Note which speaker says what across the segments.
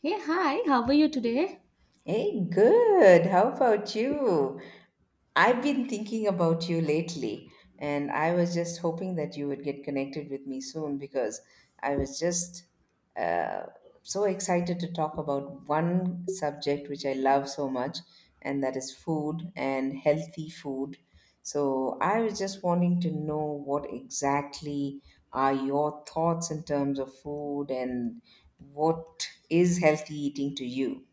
Speaker 1: Hey, hi, how are you today?
Speaker 2: Hey, good. How about you? I've been thinking about you lately, and I was just hoping that you would get connected with me soon because I was just uh, so excited to talk about one subject which I love so much, and that is food and healthy food. So I was just wanting to know what exactly are your thoughts in terms of food and what is healthy eating to you?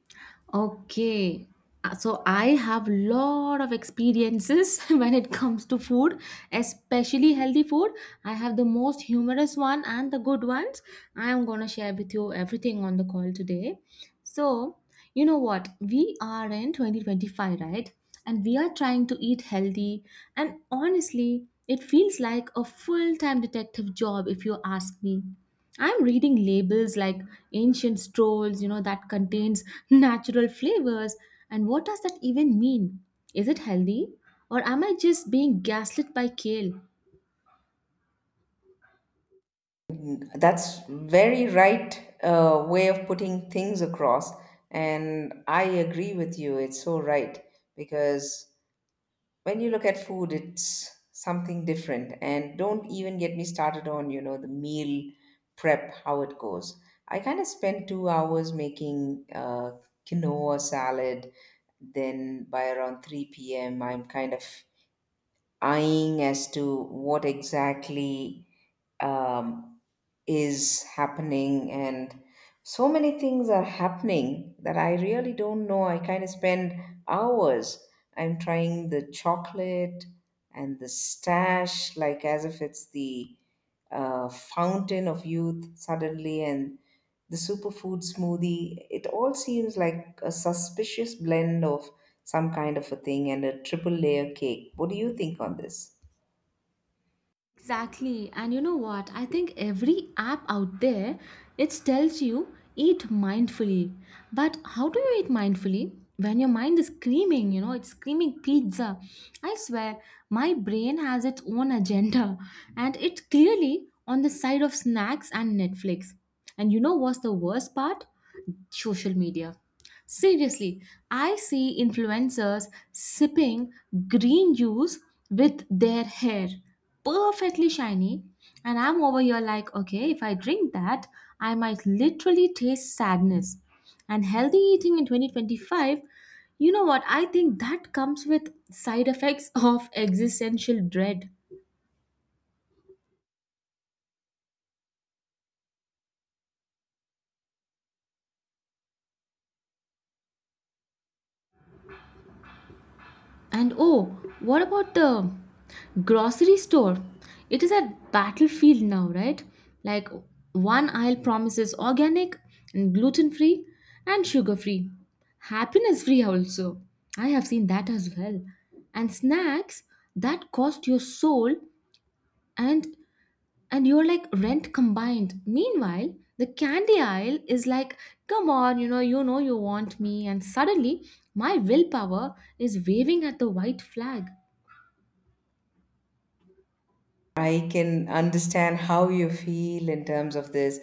Speaker 1: Okay, so I have lot of experiences when it comes to food, especially healthy food. I have the most humorous one and the good ones. I am gonna share with you everything on the call today. So, you know what? We are in 2025, right? And we are trying to eat healthy. And honestly, it feels like a full time detective job if you ask me. I'm reading labels like ancient strolls, that contains natural flavors. And what does that even mean? Is it healthy? Or am I just being gaslit by kale?
Speaker 2: That's very right way of putting things across, and I agree with you. It's so right because when you look at food, it's something different. And don't even get me started on you know the meal prep how it goes. I kind of spent 2 hours making quinoa salad. Then by around three p.m., I'm kind of eyeing as to what exactly um, is happening, and so many things are happening that I really don't know. I kind of spend hours. I'm trying the chocolate and the stash, like as if it's the fountain of youth suddenly, and the superfood smoothie. It all seems like a suspicious blend of some kind of a thing and a triple layer cake. What do you think on this?
Speaker 1: Exactly. And you know what? I think every app out there it tells you eat mindfully. But how do you eat mindfully? When your mind is screaming, it's screaming pizza. I swear, my brain has its own agenda and it's clearly on the side of snacks and Netflix. And you know what's the worst part? Social media. Seriously, I see influencers sipping green juice with their hair perfectly shiny, and I'm over here like, okay, if I drink that, I might literally taste sadness. And healthy eating in 2025, you know what? I think that comes with side effects of existential dread. And oh, what about the grocery store? It is a battlefield now, right? Like one aisle promises organic and gluten free and sugar free, happiness free also. I have seen that as well. And snacks that cost your soul and and you're like rent combined. Meanwhile, the candy aisle is like, come on, you know you want me, and suddenly my willpower is waving at the white flag.
Speaker 2: I can understand how you feel in terms of this.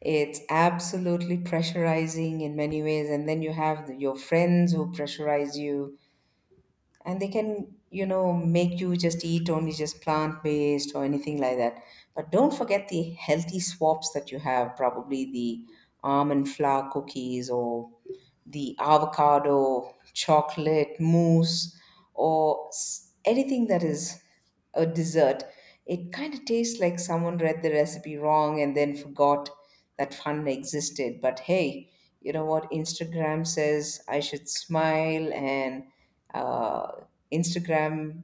Speaker 2: It's absolutely pressurizing in many ways, and then you have your friends who pressurize you, and they can you know make you just eat only just plant based or anything like that, but don't forget the healthy swaps that you have, probably the almond flour cookies or the avocado chocolate mousse or anything that is a dessert. It kind of tastes like someone read the recipe wrong and then forgot that fun existed. But hey, you know what, Instagram says I should smile, and uh, Instagram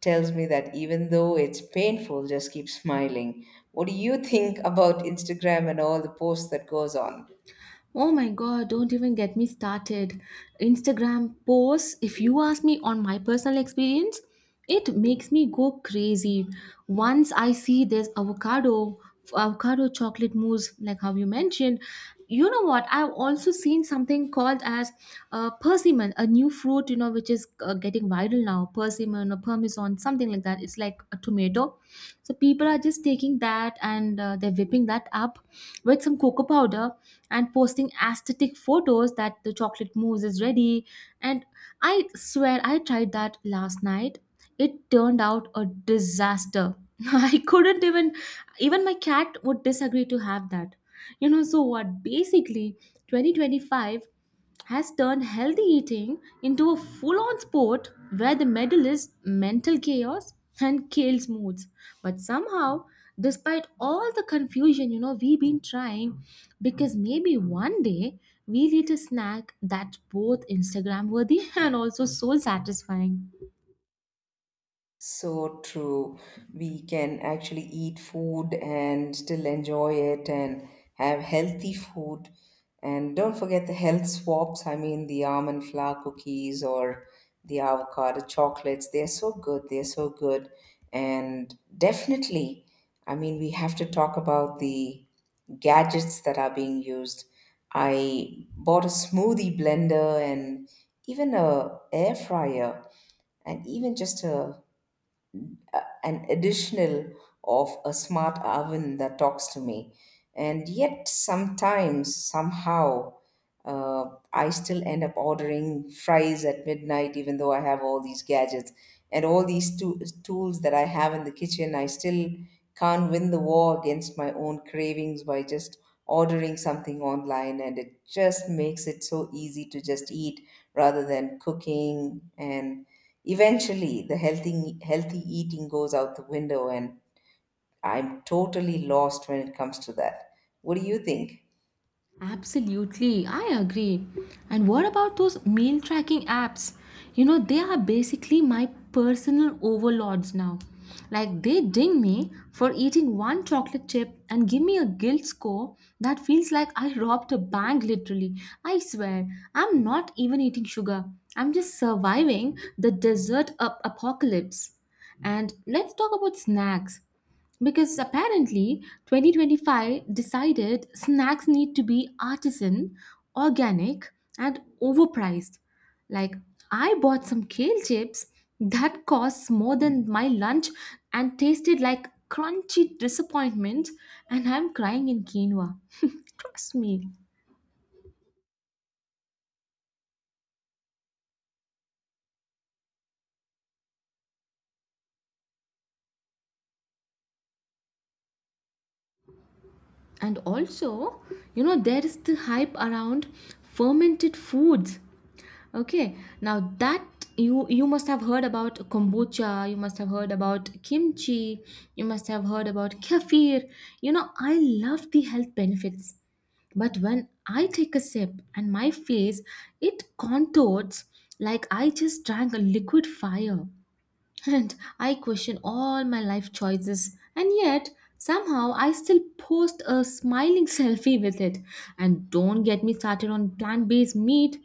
Speaker 2: tells me that even though it's painful, just keep smiling. What do you think about Instagram and all the posts that goes on?
Speaker 1: Oh my god, don't even get me started. Instagram posts, if you ask me on my personal experience, it makes me go crazy. Once I see this avocado chocolate mousse, like how you mentioned, you know what? I've also seen something called as persimmon, a new fruit, you know, which is getting viral now. Persimmon or parmesan, something like that. It's like a tomato. So people are just taking that and they're whipping that up with some cocoa powder and posting aesthetic photos that the chocolate mousse is ready. And I swear I tried that last night. It turned out a disaster. I couldn't even even my cat would disagree to have that. You know, so what? Basically, 2025 has turned healthy eating into a full on sport where the medal is mental chaos and kills moods. But somehow, despite all the confusion, you know, we've been trying because maybe one day we'll eat a snack that's both Instagram worthy and also soul satisfying.
Speaker 2: So true. We can actually eat food and still enjoy it and have healthy food. And don't forget the health swaps. I mean, the almond flour cookies or the avocado chocolates. They're so good. They're so good. And definitely, I mean, we have to talk about the gadgets that are being used. I bought a smoothie blender and even a air fryer and even just a an additional of a smart oven that talks to me. And yet, sometimes, somehow, uh, I still end up ordering fries at midnight, even though I have all these gadgets and all these tools that I have in the kitchen. I still can't win the war against my own cravings by just ordering something online, and it just makes it so easy to just eat rather than cooking. And eventually, the healthy eating goes out the window, and I'm totally lost when it comes to that. What do you think?
Speaker 1: Absolutely, I agree. And what about those meal tracking apps? You know, they are basically my personal overlords now. Like, they ding me for eating one chocolate chip and give me a guilt score that feels like I robbed a bank, literally. I swear, I'm not even eating sugar, I'm just surviving the apocalypse. And let's talk about snacks. Because apparently 2025 decided snacks need to be artisan, organic, and overpriced. Like, I bought some kale chips that costs more than my lunch and tasted like crunchy disappointment, and I'm crying in quinoa. Trust me. And also, you know, there is the hype around fermented foods. Okay, now that you must have heard about kombucha, you must have heard about kimchi, you must have heard about kefir. You know, I love the health benefits. But when I take a sip and my face it contorts like I just drank a liquid fire. And I question all my life choices and yet somehow I still post a smiling selfie with it. And don't get me started on plant-based meat.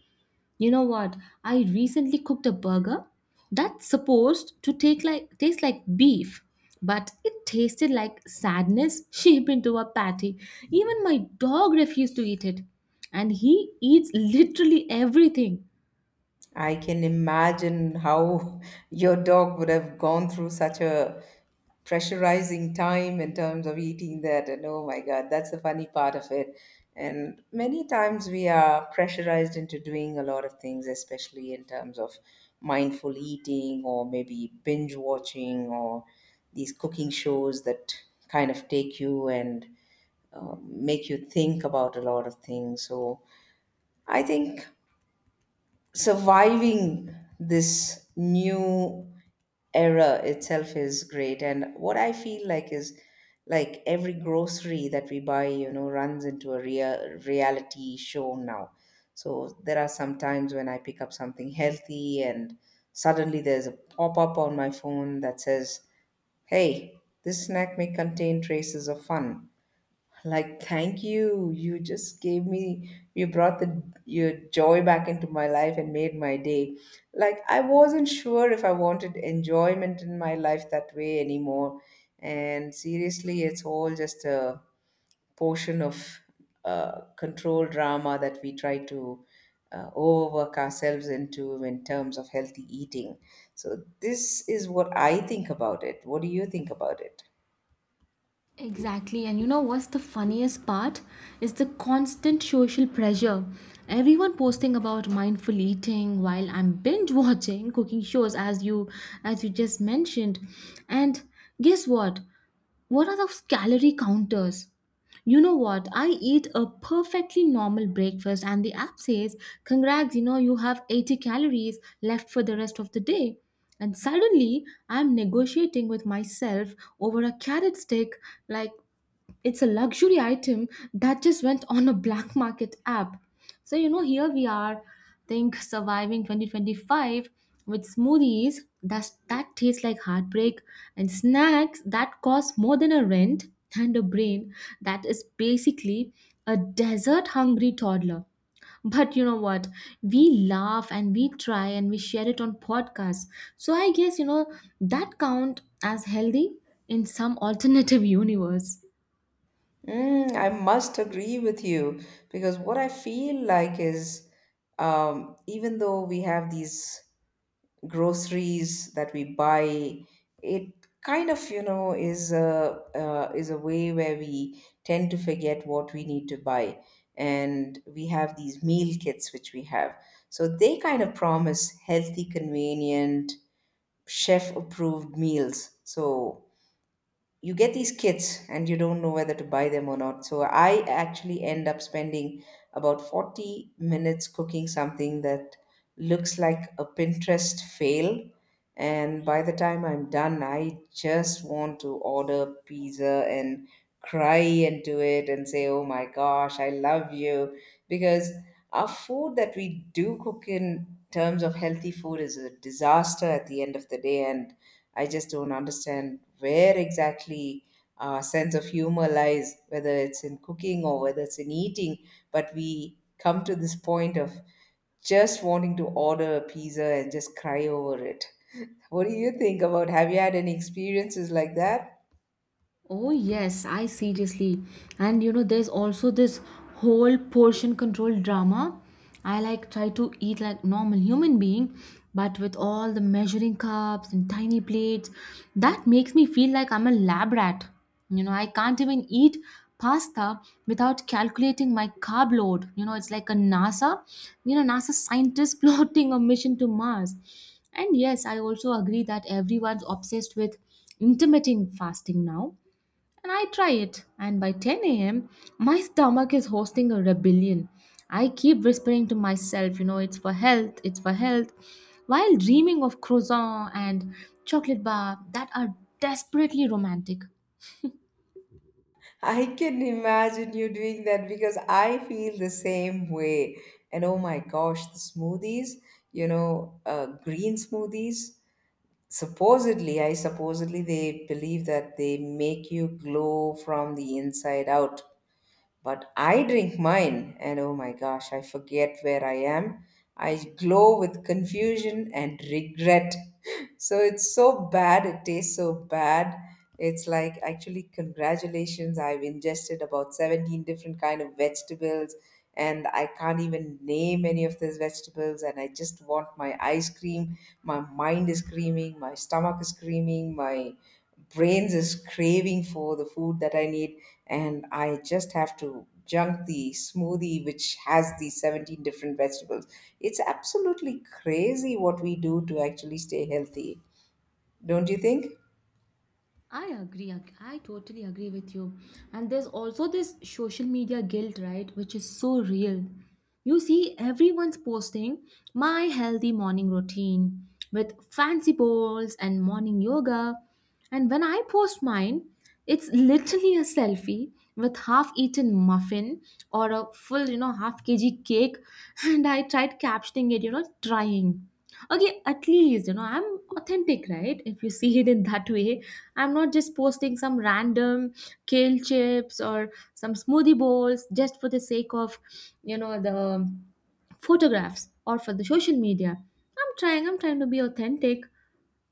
Speaker 1: You know what? I recently cooked a burger that's supposed to take like taste like beef, but it tasted like sadness shaped into a patty. Even my dog refused to eat it, and he eats literally everything.
Speaker 2: I can imagine how your dog would have gone through such a pressurizing time in terms of eating that. And oh my God, that's the funny part of it. And many times we are pressurized into doing a lot of things, especially in terms of mindful eating or maybe binge watching or these cooking shows that kind of take you and make you think about a lot of things. So I think surviving this new era itself is great, and what I feel like is, like every grocery that we buy, you know, runs into a real reality show now. So there are some times when I pick up something healthy and suddenly there's a pop-up on my phone that says, hey, this snack may contain traces of fun. Like, thank you. You just gave me, you brought the your joy back into my life and made my day. Like, I wasn't sure if I wanted enjoyment in my life that way anymore. And seriously, it's all just a portion of control drama that we try to overwork ourselves into in terms of healthy eating. So, this is what I think about it. What do you think about it?
Speaker 1: Exactly, and you know what's the funniest part? Is the constant social pressure. Everyone posting about mindful eating while I'm binge watching cooking shows as you just mentioned. And guess what? What are those calorie counters? You know what? I eat a perfectly normal breakfast, and the app says, congrats, you know, you have 80 calories left for the rest of the day. And suddenly, I'm negotiating with myself over a carrot stick like it's a luxury item that just went on a black market app. So, you know, here we are, think surviving 2025 with smoothies that taste like heartbreak and snacks that cost more than a rent and a brain that is basically a desert hungry toddler. But you know what? We laugh and we try and we share it on podcasts. So I guess, you know, that count as healthy in some alternative universe.
Speaker 2: Mm, I must agree with you because what I feel like is, even though we have these groceries that we buy, it kind of you know is a way where we tend to forget what we need to buy, and we have these meal kits which we have. So they kind of promise healthy, convenient, chef approved meals. So you get these kits and you don't know whether to buy them or not. So I actually end up spending about 40 minutes cooking something that looks like a Pinterest fail, and by the time I'm done, I just want to order pizza and cry into it and say, oh my gosh, I love you. Because our food that we do cook in terms of healthy food is a disaster at the end of the day. And I just don't understand where exactly our sense of humor lies, whether it's in cooking or whether it's in eating. But we come to this point of just wanting to order a pizza and just cry over it. What do you think about? Have you had any experiences like that?
Speaker 1: Oh, yes, I seriously. And you know, there's also this whole portion control drama. I like try to eat like normal human being, but with all the measuring cups and tiny plates, that makes me feel like I'm a lab rat. You know, I can't even eat pasta without calculating my carb load. You know, it's like a NASA scientist plotting a mission to Mars. And yes, I also agree that everyone's obsessed with intermittent fasting now and I try it, and by 10 a.m., my stomach is hosting a rebellion. I keep whispering to myself, you know, it's for health, while dreaming of croissant and chocolate bar that are desperately romantic.
Speaker 2: I can imagine you doing that because I feel the same way. And oh my gosh, the smoothies, you know, green smoothies. Supposedly, they believe that they make you glow from the inside out. But I drink mine, and oh my gosh, I forget where I am. I glow with confusion and regret. So it's so bad. It tastes so bad. It's like, actually, congratulations. I've ingested about 17 different kind of vegetables and I can't even name any of these vegetables and I just want my ice cream. My mind is screaming, my stomach is screaming, my brains is craving for the food that I need, and I just have to junk the smoothie which has the 17 different vegetables. It's absolutely crazy what we do to actually stay healthy. Don't you think?
Speaker 1: I totally agree with you. And there's also this social media guilt, right? Which is so real. You see, everyone's posting my healthy morning routine with fancy bowls and morning yoga. And when I post mine, it's literally a selfie with half eaten muffin or a full, you know, half kg cake. And I tried captioning it, you know, trying okay at least you know I'm authentic, right? If you see it in that way, I'm not just posting some random kale chips or some smoothie bowls just for the sake of, you know, the photographs or for the social media. I'm trying to be authentic.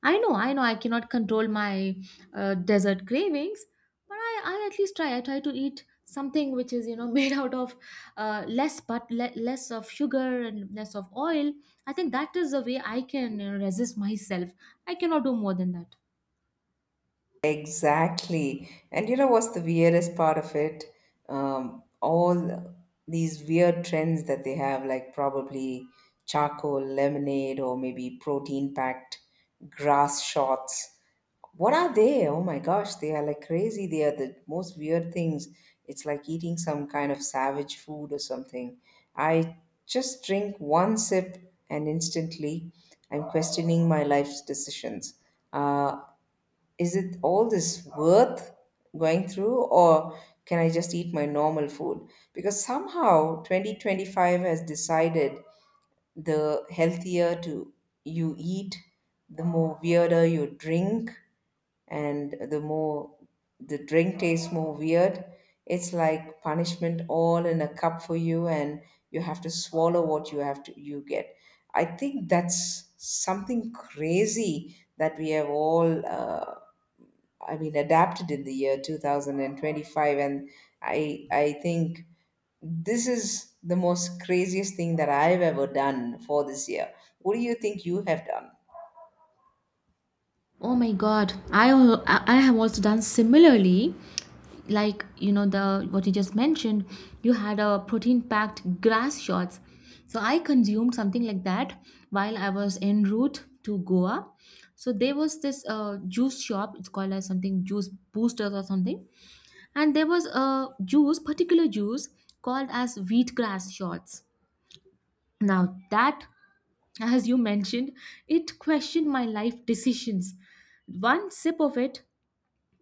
Speaker 1: I cannot control my dessert cravings, but I at least try. I try to eat something which is, you know, made out of less of sugar and less of oil. I think that is the way I can resist myself. I cannot do more than that.
Speaker 2: Exactly. And you know what's the weirdest part of it? All these weird trends that they have, like probably charcoal lemonade or maybe protein packed grass shots. What are they? Oh my gosh, they are like crazy. They are the most weird things. It's like eating some kind of savage food or something. I just drink one sip and instantly I'm questioning my life's decisions. Uh, is it all this worth going through, or can I just eat my normal food? Because somehow 2025 has decided the healthier to you eat, the more weirder you drink, and the more the drink tastes more weird. It's like punishment all in a cup for you, and you have to swallow what you have to you get. I think that's something crazy that we have all I mean, adapted in the year 2025. And I think this is the most craziest thing that I've ever done for this year. What do you think you have done?
Speaker 1: Oh my god. I al- I have also done similarly. Like, you know, the what you just mentioned, you had a protein packed grass shots. So I consumed something like that while I was en route to Goa. So there was this juice shop, it's called as something juice boosters or something. And there was particular juice called as wheatgrass shots. Now that, as you mentioned, it questioned my life decisions one sip of it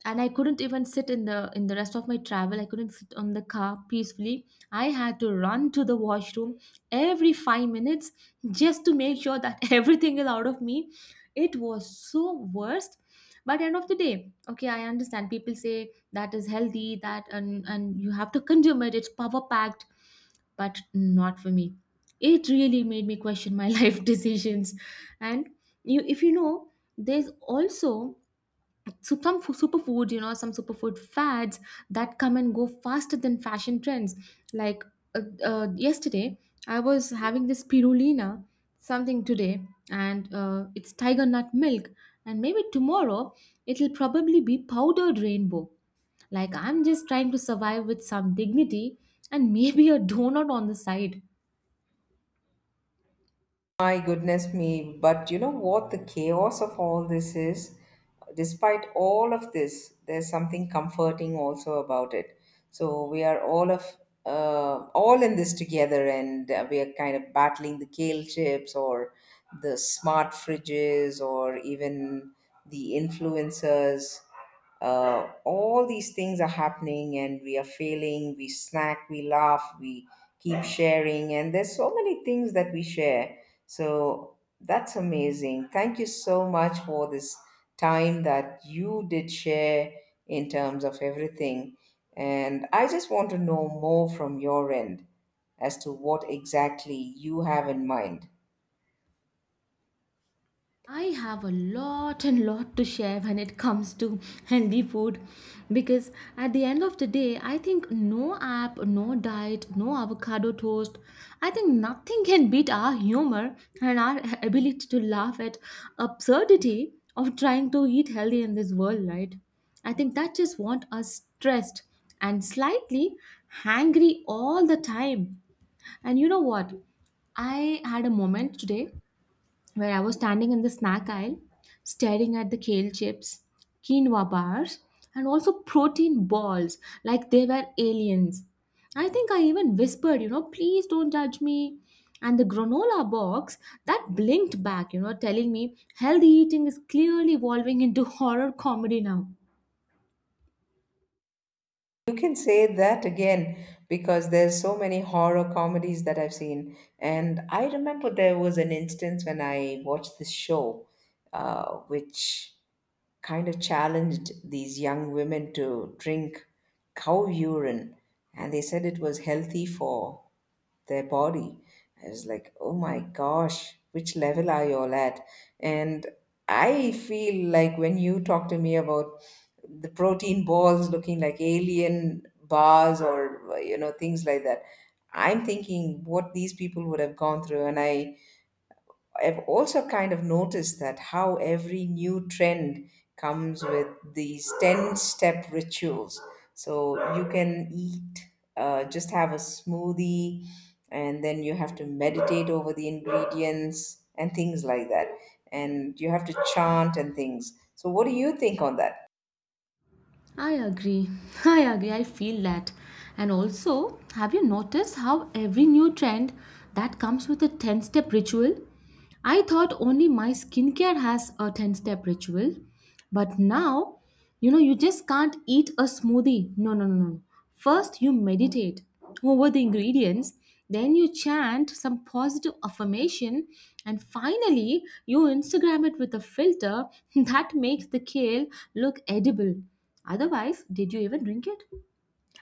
Speaker 1: and I couldn't even sit in the rest of my travel. I couldn't sit on the car peacefully. I had to run to the washroom every 5 minutes just to make sure that everything is out of me. It was so worst. But end of the day, okay, I understand people say that is healthy, that and you have to consume it, it's power packed, but not for me. It really made me question my life decisions. And you, if you know, there's also superfood, some superfood fads that come and go faster than fashion trends. Like, yesterday I was having this spirulina something, today and it's tiger nut milk, and maybe tomorrow it'll probably be powdered rainbow. Like, I'm just trying to survive with some dignity and maybe a donut on the side.
Speaker 2: My goodness me, but you know what the chaos of all this is? Despite all of this, there's something comforting also about it. So we are all of all in this together, and we are kind of battling the kale chips or the smart fridges or even the influencers. All these things are happening, and we are failing. We snack, we laugh, we keep sharing, and there's so many things that we share, so that's amazing. Thank you so much for this time that you did share in terms of everything. And I just want to know more from your end as to what exactly you have in mind.
Speaker 1: I have a lot and lot to share when it comes to healthy food because at the end of the day, I think no app, no diet, no avocado toast, I think nothing can beat our humor and our ability to laugh at absurdity of trying to eat healthy in this world, right? I think that just want us stressed and slightly hangry all the time. And you know what? I had a moment today where I was standing in the snack aisle, staring at the kale chips, quinoa bars, and also protein balls like they were aliens. I think I even whispered, you know, please don't judge me. And the granola box that blinked back, you know, telling me healthy eating is clearly evolving into horror comedy now.
Speaker 2: You can say that again, because there's so many horror comedies that I've seen. And I remember there was an instance when I watched this show, which kind of challenged these young women to drink cow urine and they said it was healthy for their body. I was like, oh my gosh, which level are you all at? And I feel like when you talk to me about the protein balls looking like alien bars or you know things like that, I'm thinking what these people would have gone through, and I've also kind of noticed that how every new trend comes with these 10 step rituals. So you can eat, just have a smoothie, and then you have to meditate over the ingredients and things like that. And you have to chant and things. So, what do you think on that?
Speaker 1: I agree. I agree. I feel that. And also, have you noticed how every new trend that comes with a 10 step ritual? I thought only my skincare has a 10 step ritual, but now, you just can't eat a smoothie. No, no, no, no, no. First, you meditate over the ingredients, then, you chant some positive affirmation, and finally, you Instagram it with a filter that makes the kale look edible. Otherwise, did you even drink it?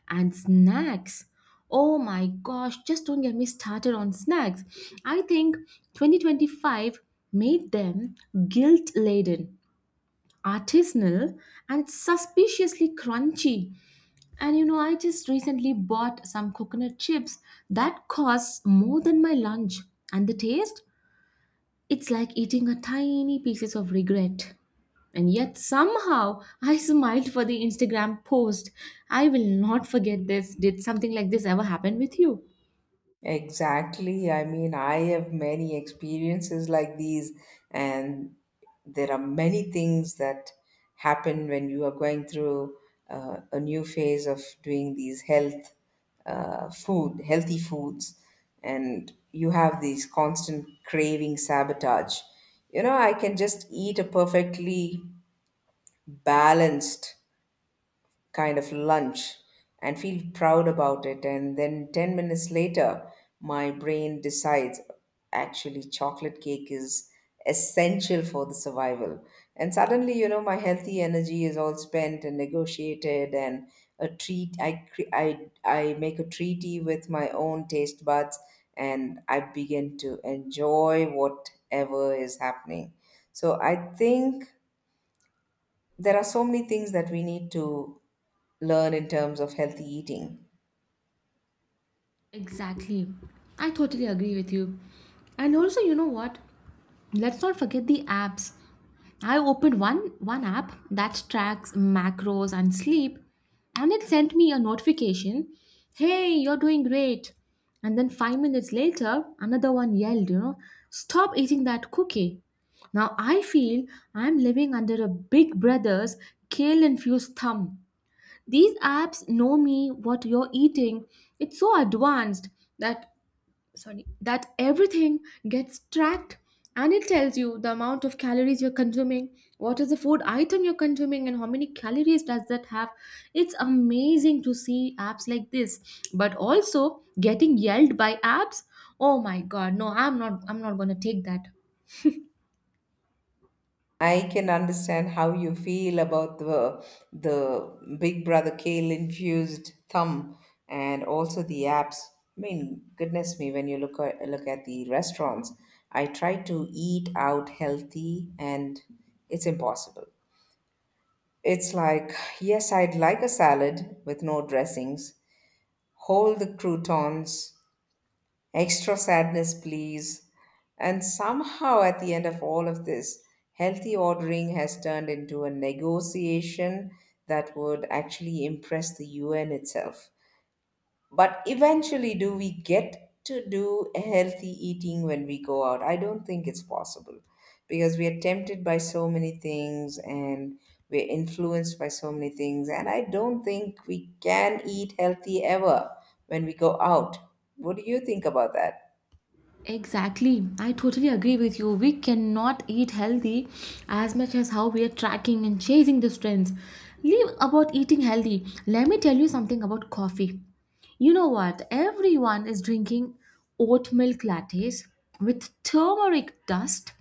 Speaker 1: And snacks. Oh my gosh, just don't get me started on snacks. I think 2025 made them guilt laden, artisanal, and suspiciously crunchy. And I just recently bought some coconut chips that costs more than my lunch. And the taste? It's like eating a tiny pieces of regret. And yet somehow I smiled for the Instagram post. I will not forget this. Did something like this ever happen with you?
Speaker 2: Exactly. I mean, I have many experiences like these, and there are many things that happen when you are going through a new phase of doing these health healthy foods, and you have these constant craving sabotage. You know, I can just eat a perfectly balanced kind of lunch and feel proud about it. And then 10 minutes later, my brain decides actually chocolate cake is essential for the survival. And suddenly, you know, my healthy energy is all spent and negotiated and a treat I cre- I make a treaty with my own taste buds, and I begin to enjoy whatever is happening. So I think there are so many things that we need to learn in terms of healthy eating.
Speaker 1: Exactly. I totally agree with you. And also, you know what? Let's not forget the apps. I opened one app that tracks macros and sleep, and it sent me a notification, "Hey, you're doing great." And then 5 minutes later, another one yelled, "Stop eating that cookie." Now I feel I'm living under a big brother's kale-infused thumb. These apps know me, what you're eating. It's so advanced that sorry that everything gets tracked, and it tells you the amount of calories you're consuming, what is the food item you're consuming and how many calories does that have. It's amazing to see apps like this, but also getting yelled by apps. Oh my god, no, I'm not going to take that.
Speaker 2: I can understand how you feel about the Big Brother kale infused thumb and also the apps. I mean, goodness me, when you look at the restaurants, I try to eat out healthy and it's impossible. It's like, yes, I'd like a salad with no dressings. Hold the croutons, extra sadness, please. And somehow, at the end of all of this, healthy ordering has turned into a negotiation that would actually impress the UN itself. But eventually, do we get to do healthy eating when we go out? I don't think it's possible, because we are tempted by so many things, and we're influenced by so many things. And I don't think we can eat healthy ever when we go out. What do you think about that?
Speaker 1: Exactly. I totally agree with you. We cannot eat healthy as much as how we are tracking and chasing the trends. Leave about eating healthy. Let me tell you something about coffee. You know what? Everyone is drinking oat milk lattes with turmeric dust,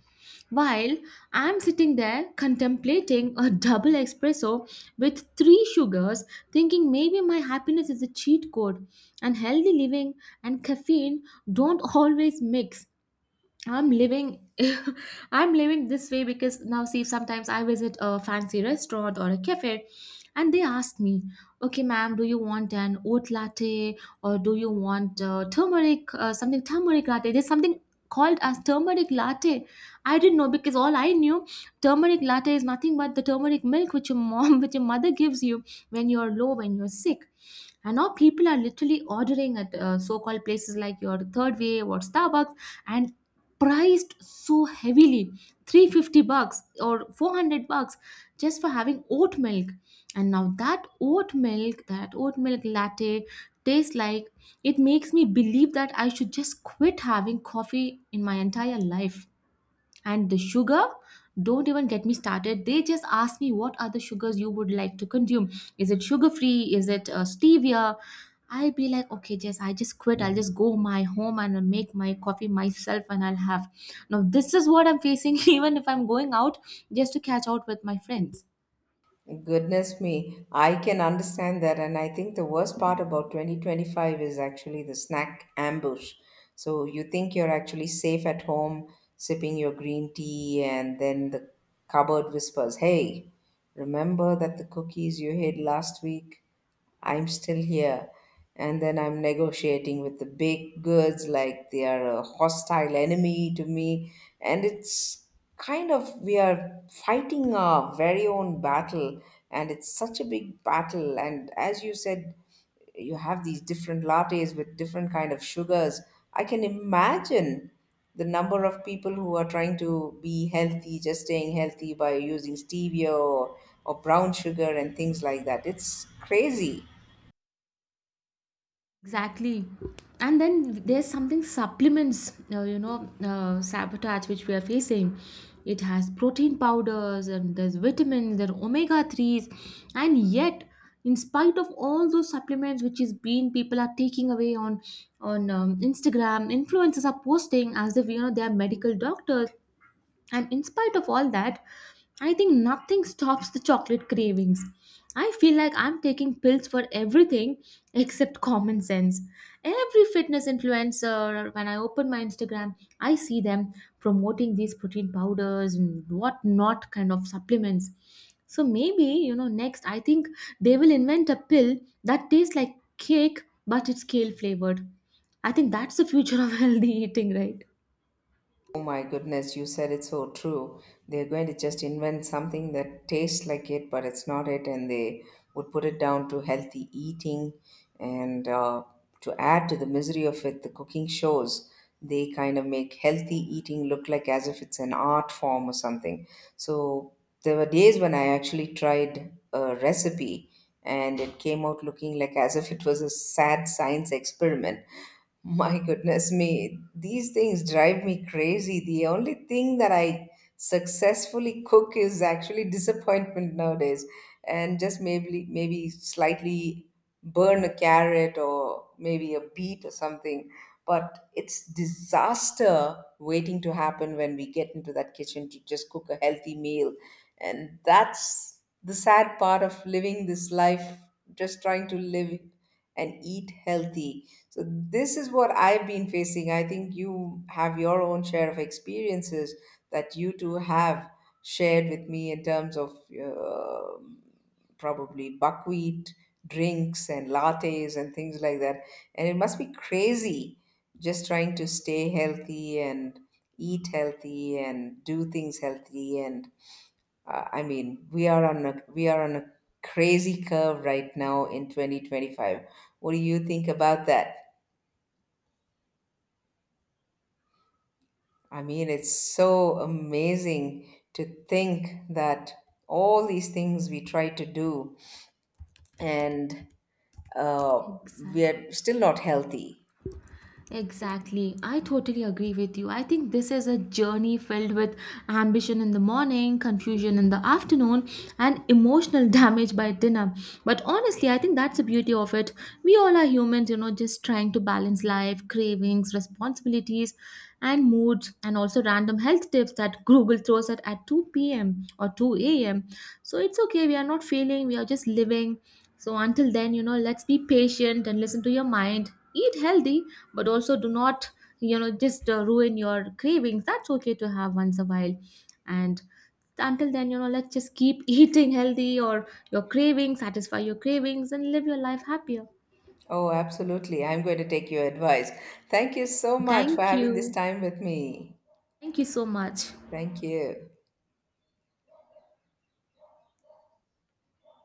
Speaker 1: while I'm sitting there contemplating a double espresso with three sugars, thinking maybe my happiness is a cheat code and healthy living and caffeine don't always mix. I'm living I'm living this way because now see sometimes I visit a fancy restaurant or a cafe and they ask me, okay ma'am, do you want an oat latte or do you want turmeric something turmeric latte. There's something called as turmeric latte. I didn't know because all I knew turmeric latte is nothing but the turmeric milk which your mom which your mother gives you when you're low, when you're sick. And now people are literally ordering at so-called places like your Third Wave or Starbucks, and priced so heavily, 350 bucks or 400 bucks, just for having oat milk. And now that oat milk, that oat milk latte tastes like, it makes me believe that I should just quit having coffee in my entire life. And the sugar, don't even get me started. They just ask me what are the sugars you would like to consume. Is it sugar free, is it stevia. I'll be like, okay jess, I just quit. I'll just go my home and I'll make my coffee myself and I'll have. Now this is what I'm facing, even if I'm going out just to catch out with my friends.
Speaker 2: Goodness me, I can understand that. And I think the worst part about 2025 is actually the snack ambush. So you think you're actually safe at home, sipping your green tea, and then the cupboard whispers, "Hey, remember that the cookies you hid last week? I'm still here." And then I'm negotiating with the big goods like they are a hostile enemy to me. And it's kind of we are fighting our very own battle. And it's such a big battle. And as you said, you have these different lattes with different kind of sugars. I can imagine the number of people who are trying to be healthy, just staying healthy by using stevia or brown sugar and things like that. It's crazy.
Speaker 1: Exactly. And then there's something supplements, sabotage which we are facing. It has protein powders and there's vitamins, there are omega 3s. And yet, in spite of all those supplements which is being people are taking away on Instagram, influencers are posting as if you know they are medical doctors. And in spite of all that, I think nothing stops the chocolate cravings. I feel like I'm taking pills for everything except common sense. Every fitness influencer, when I open my Instagram, I see them promoting these protein powders and whatnot kind of supplements. So maybe, you know, next I think they will invent a pill that tastes like cake but it's kale flavored. I think that's the future of healthy eating, right?
Speaker 2: Oh my goodness, you said it's so true. They're going to just invent something that tastes like it, but it's not it, and they would put it down to healthy eating. And to add to the misery of it, the cooking shows, they kind of make healthy eating look like as if it's an art form or something. So there were days when I actually tried a recipe and it came out looking like as if it was a sad science experiment. My goodness me, these things drive me crazy. The only thing that I successfully cook is actually disappointment nowadays, and just maybe slightly burn a carrot or maybe a beet or something. But it's disaster waiting to happen when we get into that kitchen to just cook a healthy meal, and that's the sad part of living this life, just trying to live and eat healthy. So this is what I've been facing. I think you have your own share of experiences that you two have shared with me in terms of uh, probably buckwheat drinks and lattes and things like that. And it must be crazy, just trying to stay healthy and eat healthy and do things healthy. And I mean, we are on a crazy curve right now in 2025. What do you think about that? I mean, it's so amazing to think that all these things we try to do, and uh, we
Speaker 1: Exactly.
Speaker 2: are still not healthy.
Speaker 1: Exactly. I totally agree with you. I think this is a journey filled with ambition in the morning, confusion in the afternoon, and emotional damage by dinner. But honestly, I think that's the beauty of it. We all are humans, you know, just trying to balance life, cravings, responsibilities, and moods, and also random health tips that Google throws at 2 p.m. or 2 a.m. So it's okay. We are not failing. We are just living. So until then, you know, let's be patient and listen to your mind. Eat healthy, but also do not, just ruin your cravings. That's okay to have once a while. And until then, you know, let's just keep eating healthy or your cravings, satisfy your cravings, and live your life happier.
Speaker 2: Oh, absolutely. I'm going to take your advice. Thank you so much for
Speaker 1: Thank
Speaker 2: having this
Speaker 1: you.
Speaker 2: time with me.
Speaker 1: Thank you so much.
Speaker 2: Thank you.